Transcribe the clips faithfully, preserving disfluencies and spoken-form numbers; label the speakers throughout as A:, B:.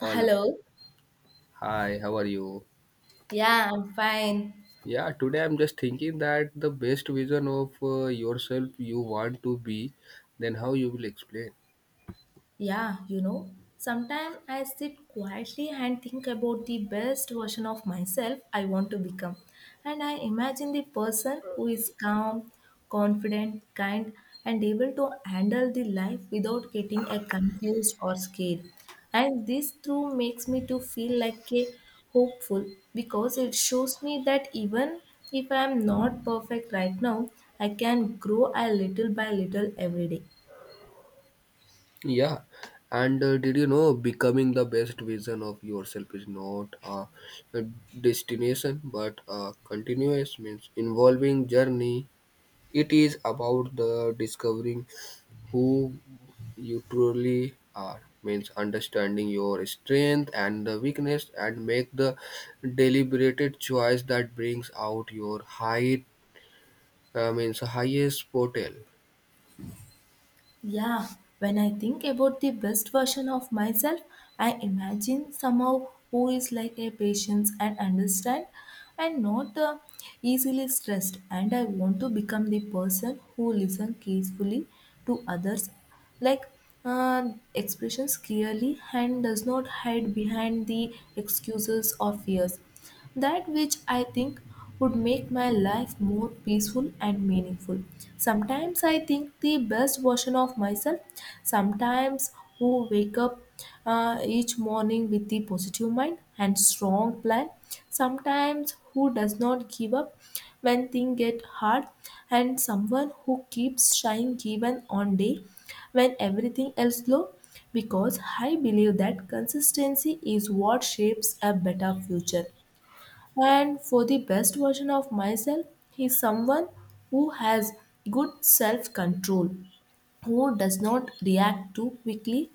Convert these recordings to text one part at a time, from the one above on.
A: Always.
B: Hello.
A: Hi, how are you?
B: Yeah, I'm fine.
A: Yeah, today I'm just thinking that the best vision of uh, yourself you want to be, then how you will explain.
B: Yeah, you know, sometimes I sit quietly and think about the best version of myself I want to become. And I imagine the person who is calm, confident, kind, and able to handle the life without getting a confused or scared. And this through makes me to feel like a hopeful because it shows me that even if I am not perfect right now, I can grow a little by little every day.
A: Yeah, and uh, did you know becoming the best vision of yourself is not a, a destination but a continuous means involving journey. It is about the discovering who you truly are means understanding your strength and the weakness and make the deliberated choice that brings out your height uh, means highest potential.
B: Yeah, when I think about the best version of myself, I imagine somehow who is like a patient and understand and not uh, easily stressed. And I want to become the person who listen carefully to others like uh, expressions clearly and does not hide behind the excuses or fears that which I think would make my life more peaceful and meaningful. Sometimes I think the best version of myself sometimes who wake up uh, each morning with the positive mind and strong plan. Sometimes who does not give up when things get hard, and someone who keeps trying even on day when everything else low. Because I believe that consistency is what shapes a better future. And for the best version of myself, is someone who has good self control, who does not react too quickly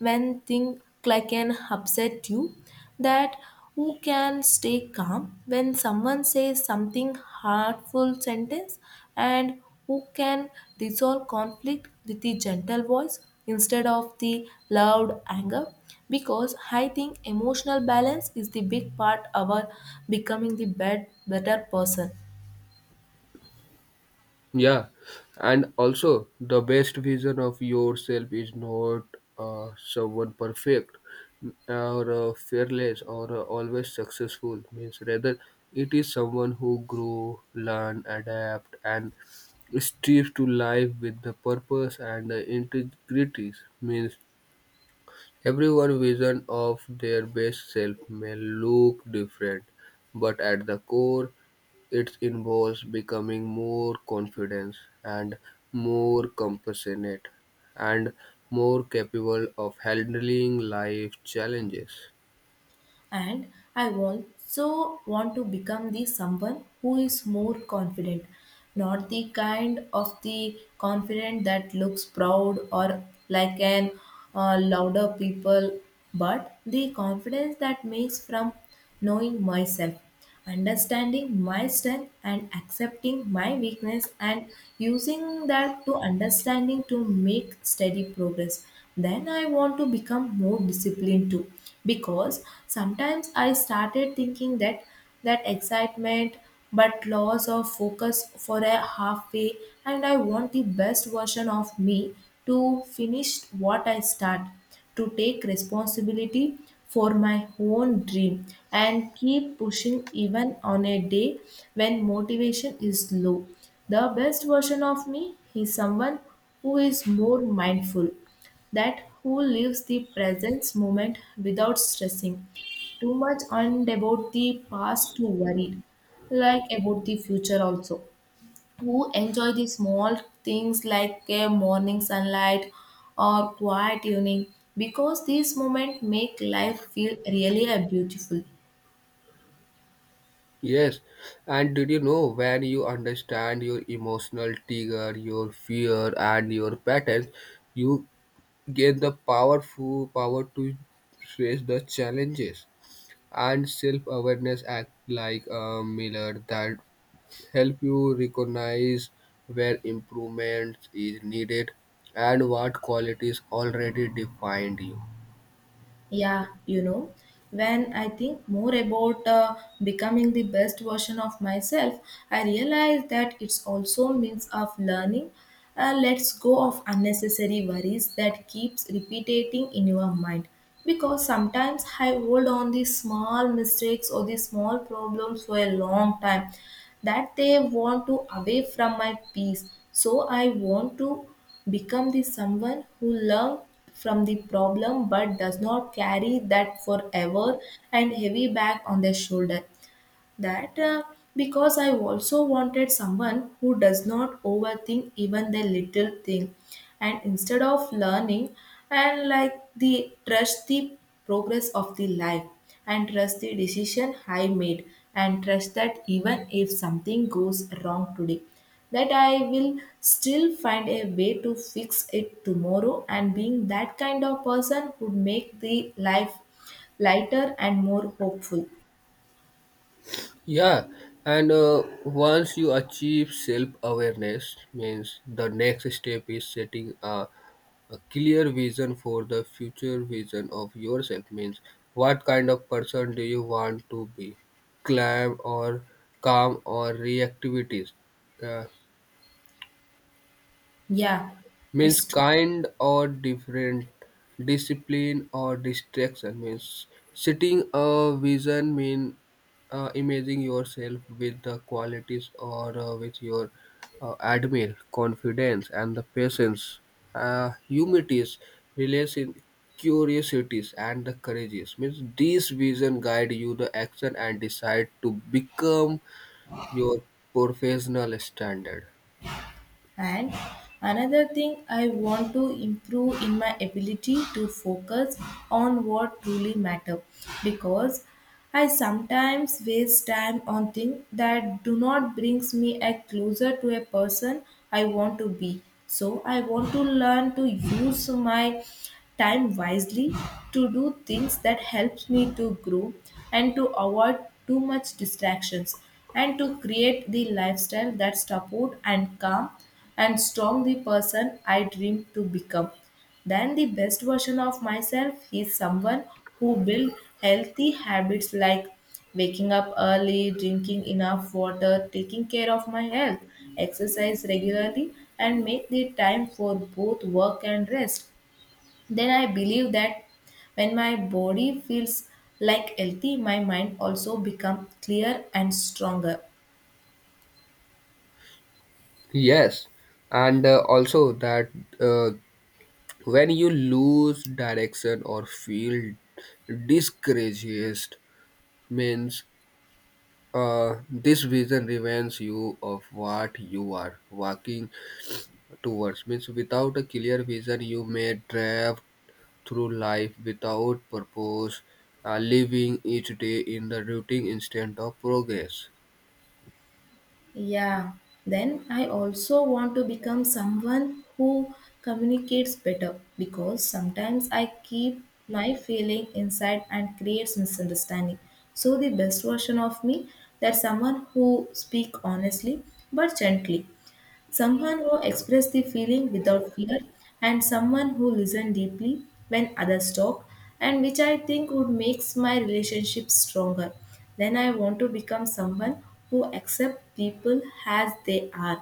B: when things like an upset you, that who can stay calm when someone says something hurtful sentence, and who can resolve conflict with the gentle voice instead of the loud anger, because I think emotional balance is the big part of our becoming the bet- better person.
A: Yeah, and also the best vision of yourself is not uh, someone perfect or uh, fearless or uh, always successful. Means rather, it is someone who grow, learn, adapt, and strives to live with the purpose and uh, integrity. Means everyone's vision of their best self may look different, but at the core, it involves becoming more confident and more compassionate and more capable of handling life challenges.
B: And I also want to become the someone who is more confident, not the kind of the confident that looks proud or like an uh, louder people, but the confidence that makes from knowing myself, understanding my strength and accepting my weakness and using that to understanding to make steady progress. Then I want to become more disciplined too, because sometimes I started thinking that that excitement but loss of focus for a halfway, and I want the best version of me to finish what I start, to take responsibility for my own dream and keep pushing even on a day when motivation is low. The best version of me is someone who is more mindful, that who lives the present moment without stressing too much on about the past to worry, like about the future also, who enjoy the small things like a morning sunlight or quiet evening, because these moments make life feel really uh, beautiful.
A: Yes, and did you know when you understand your emotional trigger, your fear, and your patterns, you gain the powerful power to face the challenges. And self-awareness act like a mirror that help you recognize where improvement is needed and what qualities already defined you.
B: Yeah, you know, when I think more about uh, becoming the best version of myself, I realize that it's also a means of learning. Uh, let's go of unnecessary worries that keeps repeating in your mind. Because sometimes I hold on these small mistakes or these small problems for a long time that they want to away from my peace. So I want to become the someone who learn from the problem but does not carry that forever and heavy back on their shoulder, that uh, because I also wanted someone who does not overthink even the little thing, and instead of learning and like the trust the progress of the life and trust the decision I made and trust that even if something goes wrong today, that I will still find a way to fix it tomorrow, and being that kind of person would make the life lighter and more hopeful.
A: Yeah, and uh, once you achieve self awareness, means the next step is setting a, a clear vision for the future vision of yourself. Means what kind of person do you want to be? Calm or calm or reactivities?
B: Yeah,
A: Means
B: it's true.
A: kind or different, discipline or distraction means setting a vision mean uh, imaging yourself with the qualities or uh, with your uh, admire, confidence and the patience, uh, humilities, relation, curiosities and the courageous. Means these vision guide you the action and decide to become your professional standard.
B: And another thing I want to improve in my ability to focus on what truly matter, because I sometimes waste time on things that do not brings me a closer to a person I want to be. So I want to learn to use my time wisely to do things that helps me to grow, and to avoid too much distractions, and to create the lifestyle that support and calm and strong the person I dream to become. Then the best version of myself is someone who build healthy habits like waking up early, drinking enough water, taking care of my health, exercise regularly, and make the time for both work and rest. Then I believe that when my body feels like healthy, my mind also become clear and stronger.
A: Yes, and uh, also that uh, when you lose direction or feel discouraged, means uh, this vision reminds you of what you are working towards. Means without a clear vision, you may drive through life without purpose, uh, living each day in the routine instead of progress.
B: Yeah. Then I also want to become someone who communicates better, because sometimes I keep my feeling inside and creates misunderstanding. So the best version of me, that someone who speak honestly but gently, someone who expressed the feeling without fear, and someone who listened deeply when others talk, and which I think would makes my relationship stronger. Then I want to become someone who accept people as they are,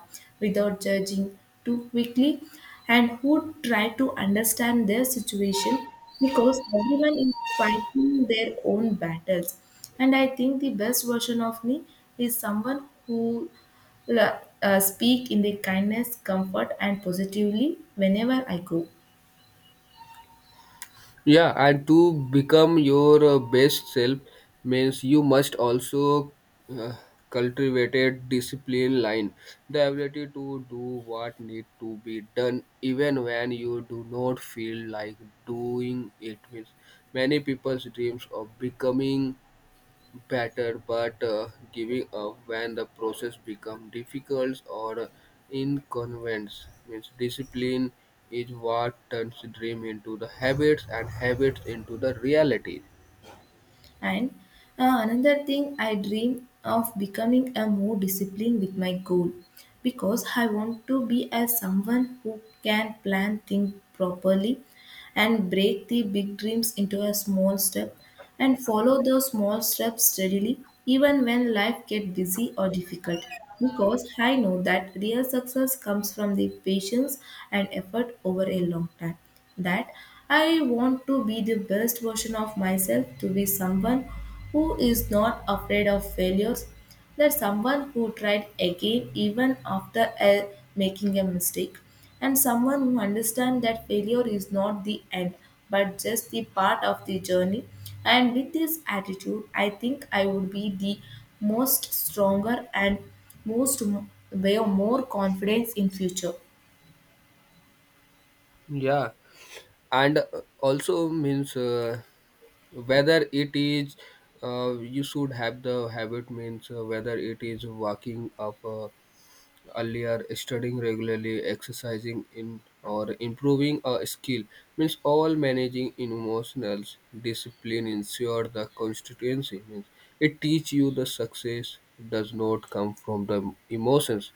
B: without judging too quickly, and who try to understand their situation, because everyone is fighting their own battles. And I think the best version of me is someone who la- uh, speak in the kindness, comfort, and positively whenever I go.
A: Yeah, and to become your uh, best self means you must also uh, cultivate a discipline line, the ability to do what need to be done even when you do not feel like doing it. Means many people's dreams of becoming better, but uh, giving up when the process becomes difficult or inconvenient means discipline is what turns dream into the habits and habits into the reality.
B: And uh, another thing, I dream of becoming a more disciplined with my goal, because I want to be as someone who can plan things properly and break the big dreams into a small step and follow those small steps steadily even when life gets busy or difficult, because I know that real success comes from the patience and effort over a long time. That I want to be the best version of myself, to be someone who is not afraid of failures, that someone who tried again even after uh, making a mistake, and someone who understands that failure is not the end but just the part of the journey. And with this attitude, I think I would be the most stronger and most m- way more confidence in future.
A: Yeah, and uh, also means uh, whether it is uh, you should have the habit means uh, whether it is walking up uh, earlier studying regularly exercising in or improving a skill means all managing emotional discipline ensure the constituency means it teach you the success does not come from the emotions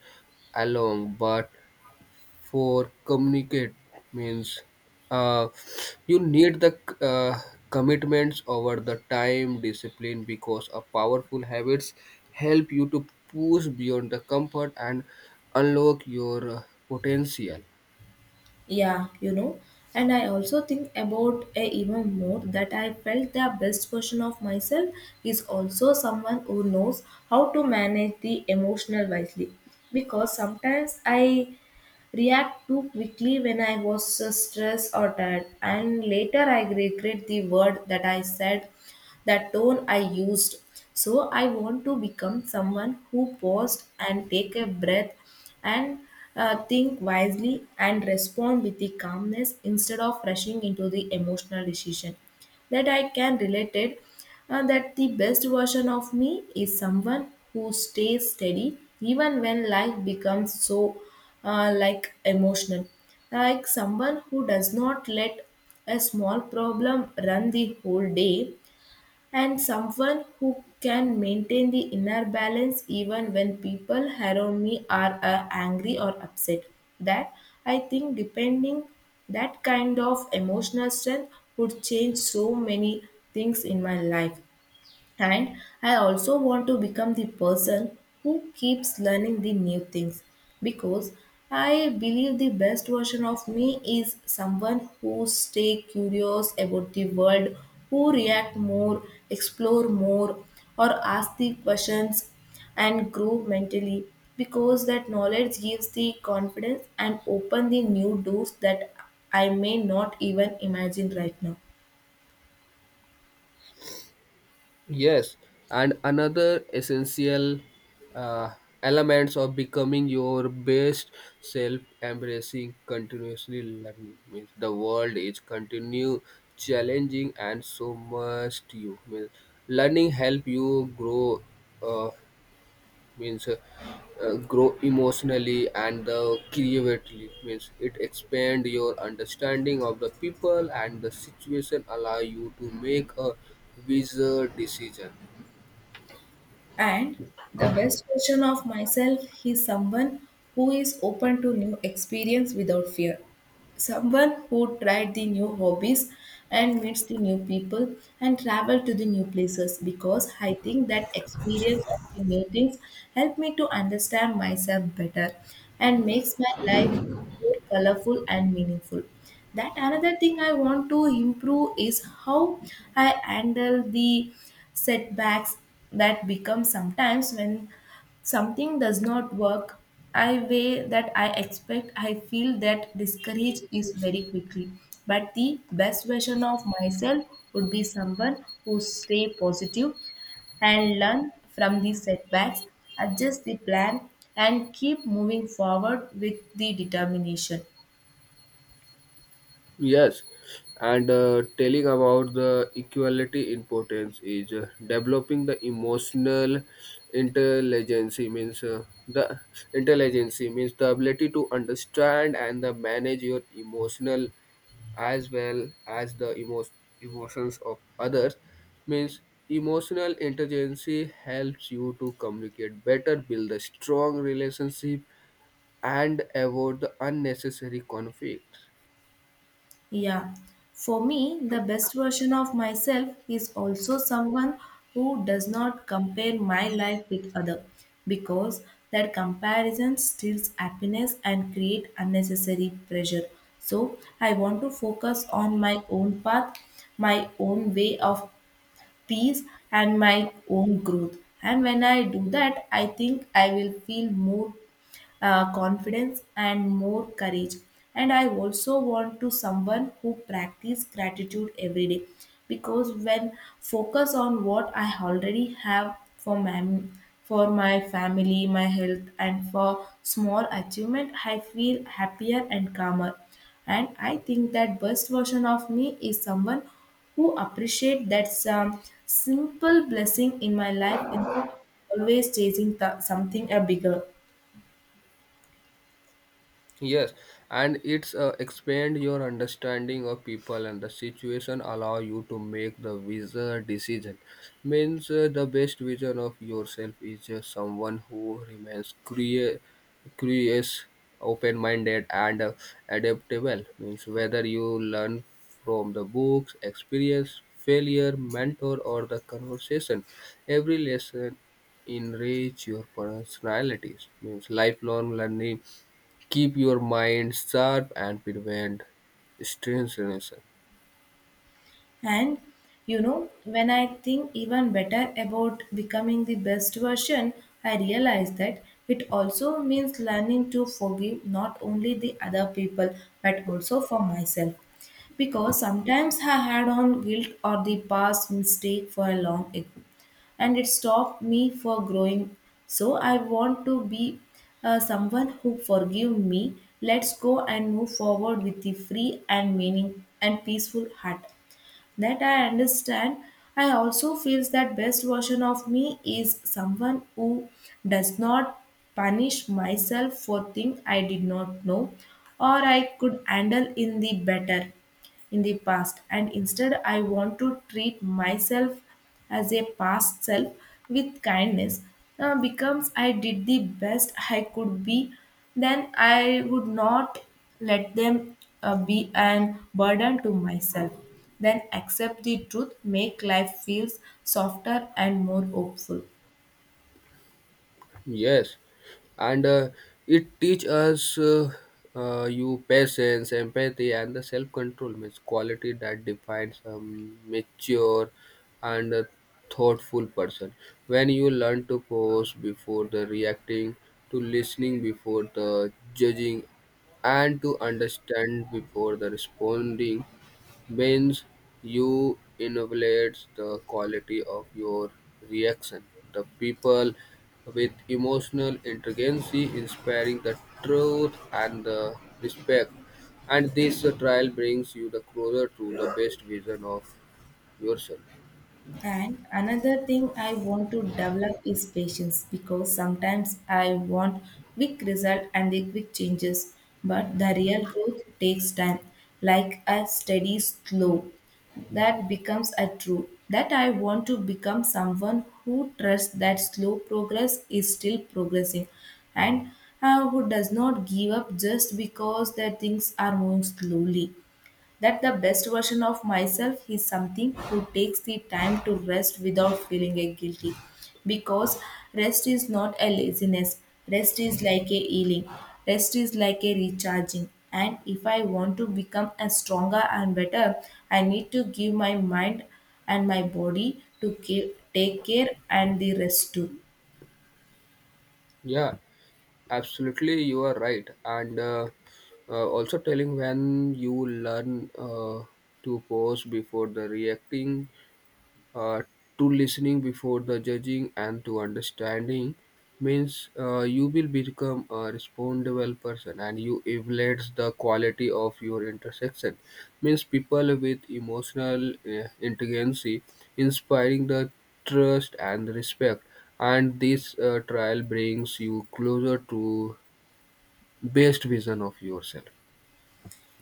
A: alone but for communicate means uh, you need the uh, commitments over the time discipline because a powerful habits help you to push beyond the comfort and unlock your uh, potential.
B: Yeah, you know, and I also think about a even more that I felt the best version of myself is also someone who knows how to manage the emotional wisely. Because sometimes I react too quickly when I was uh, stressed or tired, and later I regret the word that I said, the tone I used. So I want to become someone who paused and take a breath and uh, think wisely and respond with the calmness instead of rushing into the emotional decision, that I can relate it, uh, that the best version of me is someone who stays steady even when life becomes so uh, like emotional, like someone who does not let a small problem run the whole day, and someone who can maintain the inner balance even when people around me are uh, angry or upset, that I think depending that kind of emotional strength would change so many things in my life. And I also want to become the person who keeps learning the new things, because I believe the best version of me is someone who stay curious about the world, who react more, explore more, or ask the questions and grow mentally, because that knowledge gives the confidence and open the new doors that I may not even imagine right now.
A: Yes, and another essential uh, elements of becoming your best self, embracing continuously learning means the world is continue challenging, and so must you. Means learning help you grow. Uh, means uh, uh, Grow emotionally and uh, creatively means it expand your understanding of the people and the situation allow you to make a wiser decision.
B: And the best version of myself is someone who is open to new experience without fear, someone who tried the new hobbies and meets the new people and travel to the new places, because I think that experience of the new things help me to understand myself better and makes my life more colorful and meaningful. That another thing I want to improve is how I handle the setbacks, that become sometimes when something does not work I way that I expect I feel that discouraged is very quickly. But the best version of myself would be someone who stay positive and learn from the setbacks, adjust the plan, and keep moving forward with the determination.
A: Yes, and uh, telling about the equality importance is uh, developing the emotional intelligence means uh, the intelligence means the ability to understand and the manage your emotional as well as the emo- emotions of others means emotional intelligence helps you to communicate better build a strong relationship and avoid the unnecessary conflict.
B: Yeah, for me, the best version of myself is also someone who does not compare my life with other, because that comparison steals happiness and create unnecessary pressure. So I want to focus on my own path, my own way of peace and my own growth. And when I do that, I think I will feel more uh, confidence and more courage. And I also want to someone who practice gratitude every day, because when focus on what I already have, for my for my family, my health, and for small achievement, I feel happier and calmer. And I think that best version of me is someone who appreciate that some simple blessing in my life instead of always chasing th- something a bigger.
A: Yes, and it's uh, expand your understanding of people and the situation allow you to make the wizard decision. Means uh, the best vision of yourself is uh, someone who remains curious, curious, open-minded, and uh, adaptable. Means whether you learn from the books, experience, failure, mentor, or the conversation, every lesson enrich your personalities means lifelong learning keep your mind sharp and prevent stagnation.
B: And you know, when I think even better about becoming the best version, I realize that it also means learning to forgive not only the other people but also for myself. Because sometimes I had on guilt or the past mistake for a long ago and it stopped me for growing. So I want to be uh, someone who forgive me. Let's go and move forward with the free and meaning and peaceful heart. That I understand. I also feels that best version of me is someone who does not punish myself for things I did not know or I could handle in the better in the past. And instead, I want to treat myself as a past self with kindness. Uh, becomes I did the best I could be, then I would not let them uh, be an burden to myself. Then accept the truth make life feels softer and more hopeful.
A: Yes, and uh, it teaches us uh, uh, you patience, empathy, and the self-control. Means quality that defines a mature and a thoughtful person. When you learn to pause before the reacting, to listening before the judging, and to understand before the responding means you evaluate the quality of your reaction. The people with emotional intelligence inspiring the truth and the respect. And this trial brings you the closer to the best vision of yourself.
B: And another thing I want to develop is patience, because sometimes I want quick result and the quick changes, but the real growth takes time, like a steady slow. That becomes a true. That I want to become someone who trusts that slow progress is still progressing, and uh, who does not give up just because their things are moving slowly. That the best version of myself is something who takes the time to rest without feeling a guilty, because rest is not a laziness, rest is like a healing, rest is like a recharging. And if I want to become a stronger and better, I need to give my mind and my body to ca- take care and the rest too.
A: Yeah, absolutely, you are right. And uh, uh, also telling when you learn uh, to pause before the reacting uh, to listening before the judging and to understanding means uh, you will become a responsible person and you evaluates the quality of your intersection means people with emotional uh, intelligence inspiring the trust and respect and this uh, trial brings you closer to best vision of yourself.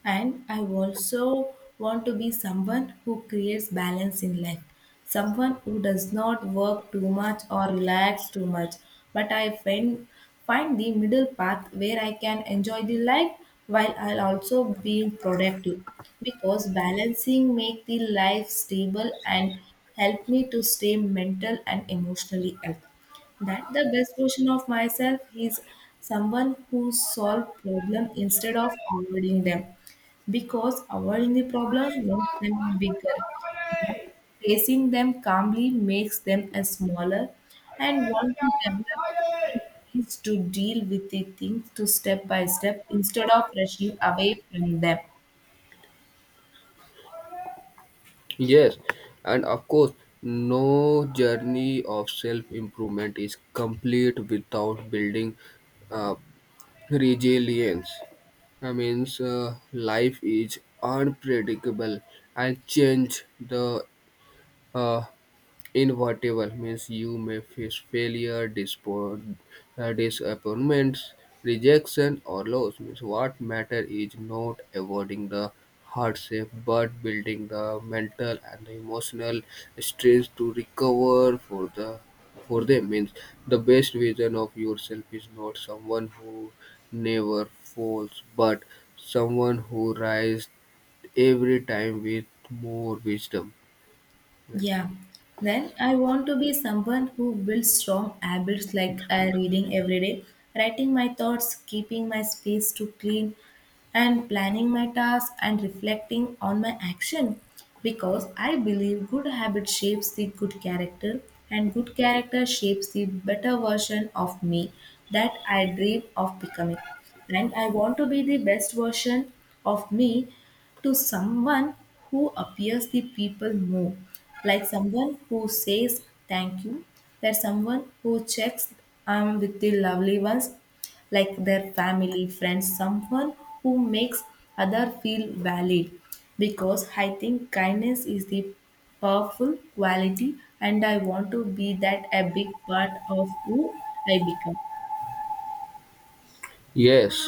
B: And I also want to be someone who creates balance in life, someone who does not work too much or relax too much. But I find, find the middle path where I can enjoy the life while I'll also be productive. Because balancing make the life stable and help me to stay mental and emotionally healthy. That the best version of myself is someone who solve problem instead of avoiding them, because avoiding the problem makes them bigger. But facing them calmly makes them a smaller. And want to develop and courage to deal with the things to step by step instead of rushing away from them.
A: Yes, and of course, no journey of self improvement is complete without building uh, resilience. I means uh, life is unpredictable and change the uh, inevitable means you may face failure, dispo- uh, disappointments, rejection, or loss. Means what matter is not avoiding the hardship but building the mental and the emotional strength to recover for the for them means the best vision of yourself is not someone who never falls but someone who rises every time with more wisdom.
B: Yeah. Then I want to be someone who builds strong habits like uh, reading every day, writing my thoughts, keeping my space to clean, and planning my tasks and reflecting on my action. Because I believe good habit shapes the good character, and good character shapes the better version of me that I dream of becoming. And I want to be the best version of me to someone who appears the people more, like someone who says thank you, that someone who checks I with the lovely ones, like their family, friends, someone who makes other feel valid. Because I think kindness is the powerful quality, and I want to be that a big part of who I become.
A: Yes,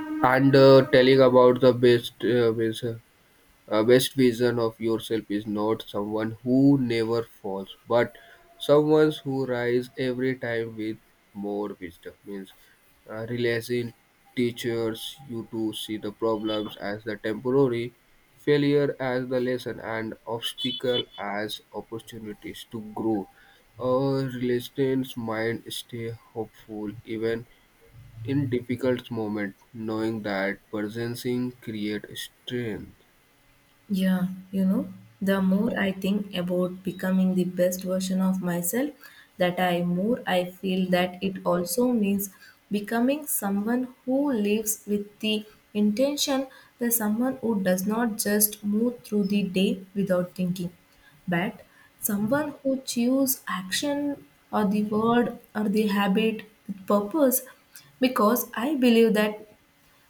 A: and uh, telling about the best uh, best, uh, best vision of yourself is not someone who never falls but someone who rise every time with more wisdom means uh, realizing teachers you to see the problems as the temporary failure as the lesson and obstacle as opportunities to grow. A resilient mind stay hopeful even in difficult moments, knowing that presencing creates strength.
B: Yeah, you know, the more I think about becoming the best version of myself, that I more I feel that it also means becoming someone who lives with the intention. That someone who does not just move through the day without thinking, but someone who choose action or the word or the habit with purpose, because I believe that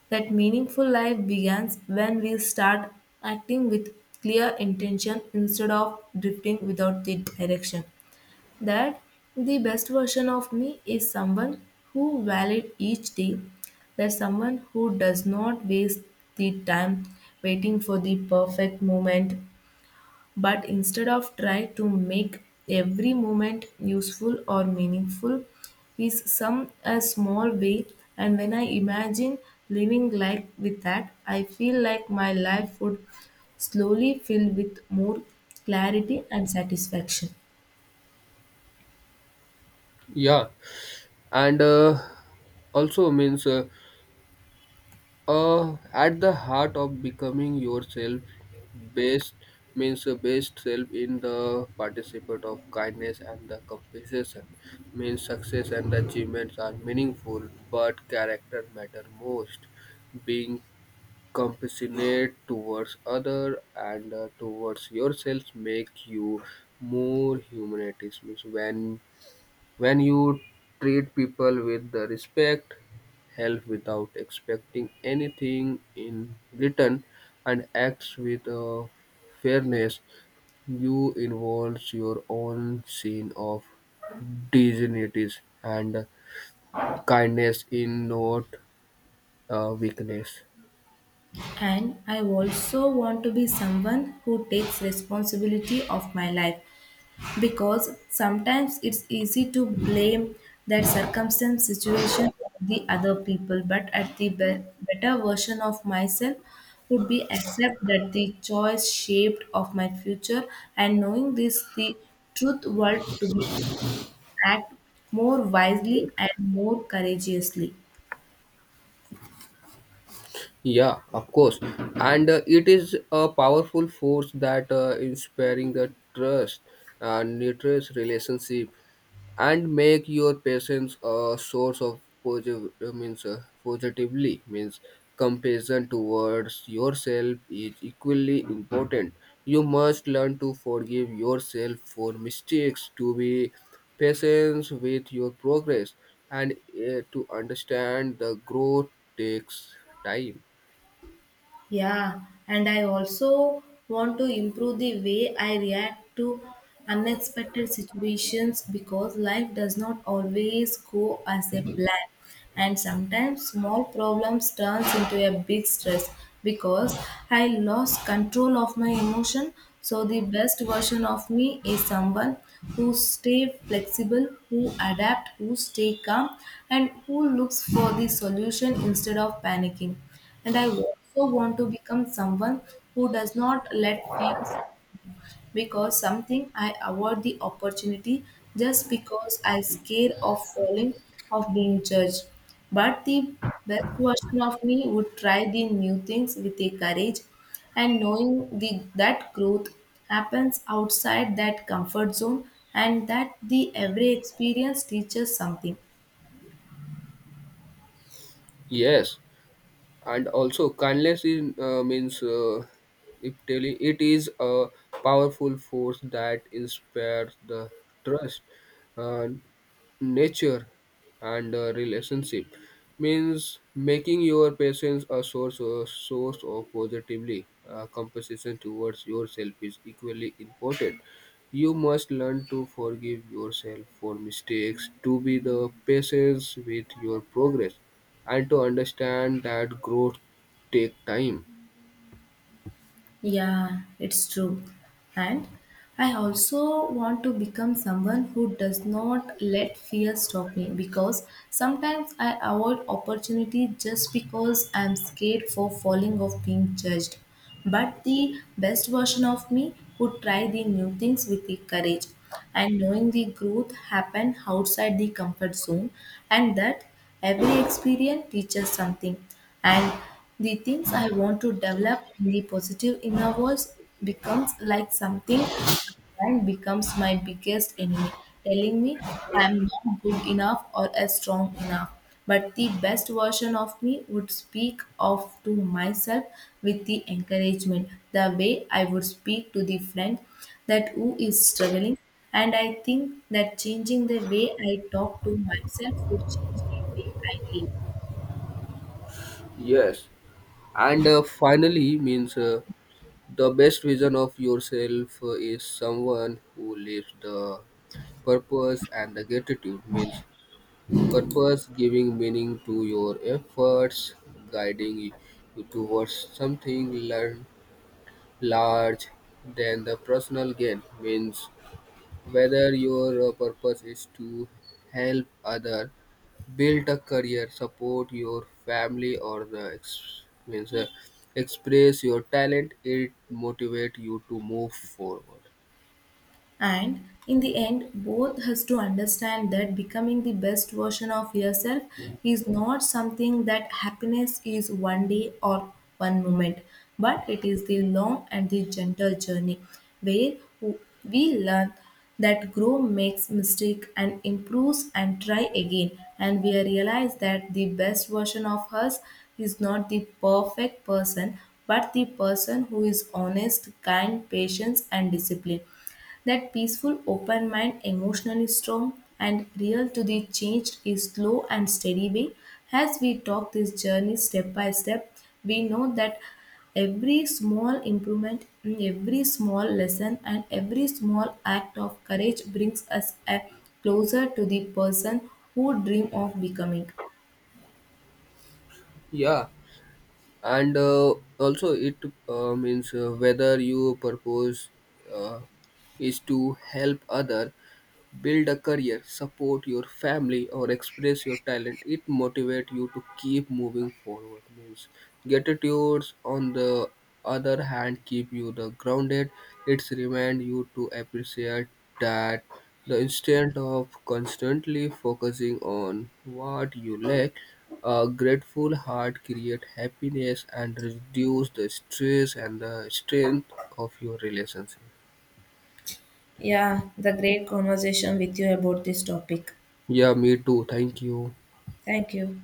B: that meaningful life begins when we start acting with clear intention instead of drifting without the direction. That the best version of me is someone who valid each day, that someone who does not waste the time waiting for the perfect moment, but instead of try to make every moment useful or meaningful, is some a small way. And when I imagine living life with that, I feel like my life would slowly fill with more clarity and satisfaction.
A: Yeah, and uh, also means uh, uh, at the heart of becoming yourself best means uh, best self in the participant of kindness and the compensation means success and achievements are meaningful but character matter most being compassionate towards other and uh, towards yourself make you more humanities means when when you treat people with the respect help without expecting anything in return and acts with uh, fairness you involves your own scene of dignities and kindness in not uh, weakness.
B: And I also want to be someone who takes responsibility of my life, because sometimes it's easy to blame that circumstance situation on the other people. But at the be- better version of myself would be accept that the choice shaped of my future, and knowing this the truth world to be act more wisely and more courageously.
A: Yeah, of course. And uh, it is a powerful force that uh, inspiring the trust and nurtures relationship and make your patients a source of positive means uh, positively means compassion towards yourself is equally important. You must learn to forgive yourself for mistakes to be patient with your progress and uh, to understand the growth takes time.
B: Yeah, and I also want to improve the way I react to unexpected situations, because life does not always go as a plan. And sometimes small problems turns into a big stress because I lost control of my emotion. So the best version of me is someone who stay flexible, who adapt, who stay calm, and who looks for the solution instead of panicking. And I also want to become someone who does not let fears, because something I avoid the opportunity just because I scare of falling, of being judged. But the best version of me would try the new things with a courage, and knowing the, that growth happens outside that comfort zone, and that the every experience teaches something.
A: Yes, and also kindness in uh, means uh, if telling it is a powerful force that inspires the trust, uh, nature, and uh, relationship. Means making your patients a source or source of positively uh, compensation towards yourself is equally important. You must learn to forgive yourself for mistakes to be the patience with your progress and to understand that growth take time.
B: Yeah, it's true. And I also want to become someone who does not let fear stop me, because sometimes I avoid opportunity just because I'm scared for falling of being judged. But the best version of me would try the new things with the courage and knowing the growth happen outside the comfort zone, and that every experience teaches something. And the things I want to develop in the positive inner voice becomes like something and becomes my biggest enemy, telling me I'm not good enough or as strong enough. But the best version of me would speak of to myself with the encouragement, the way I would speak to the friend that who is struggling. And I think that changing the way I talk to myself would change the way I live.
A: Yes, and uh, finally means uh, the best vision of yourself uh, is someone who lives the purpose and the gratitude means purpose giving meaning to your efforts guiding you towards something learn large than the personal gain means whether your uh, purpose is to help other, build a career, support your family, or the ex- means, uh, express your talent, it motivates you to move forward.
B: And in the end, both has to understand that becoming the best version of yourself is not something that happiness is one day or one moment, but it is the long and the gentle journey where w- we learn that grow makes mistake and improves and try again. And we realize that the best version of us is not the perfect person, but the person who is honest kind patience and discipline, that peaceful, open mind, emotionally strong and real to the changed is slow and steady way. As we talk this journey step by step, we know that every small improvement, every small lesson, and every small act of courage brings us a closer to the person who dream of becoming.
A: Yeah, and uh, also it uh, means uh, whether your purpose uh, is to help other build a career, support your family, or express your talent, it motivates you to keep moving forward. Means gratitudes on the other hand keep you the grounded. It's remind you to appreciate that the instant of constantly focusing on what you lack. A grateful heart create happiness and reduce the stress and the strength of your relationship.
B: Yeah, the great conversation with you about this topic.
A: Yeah, me too. Thank you.
B: Thank you.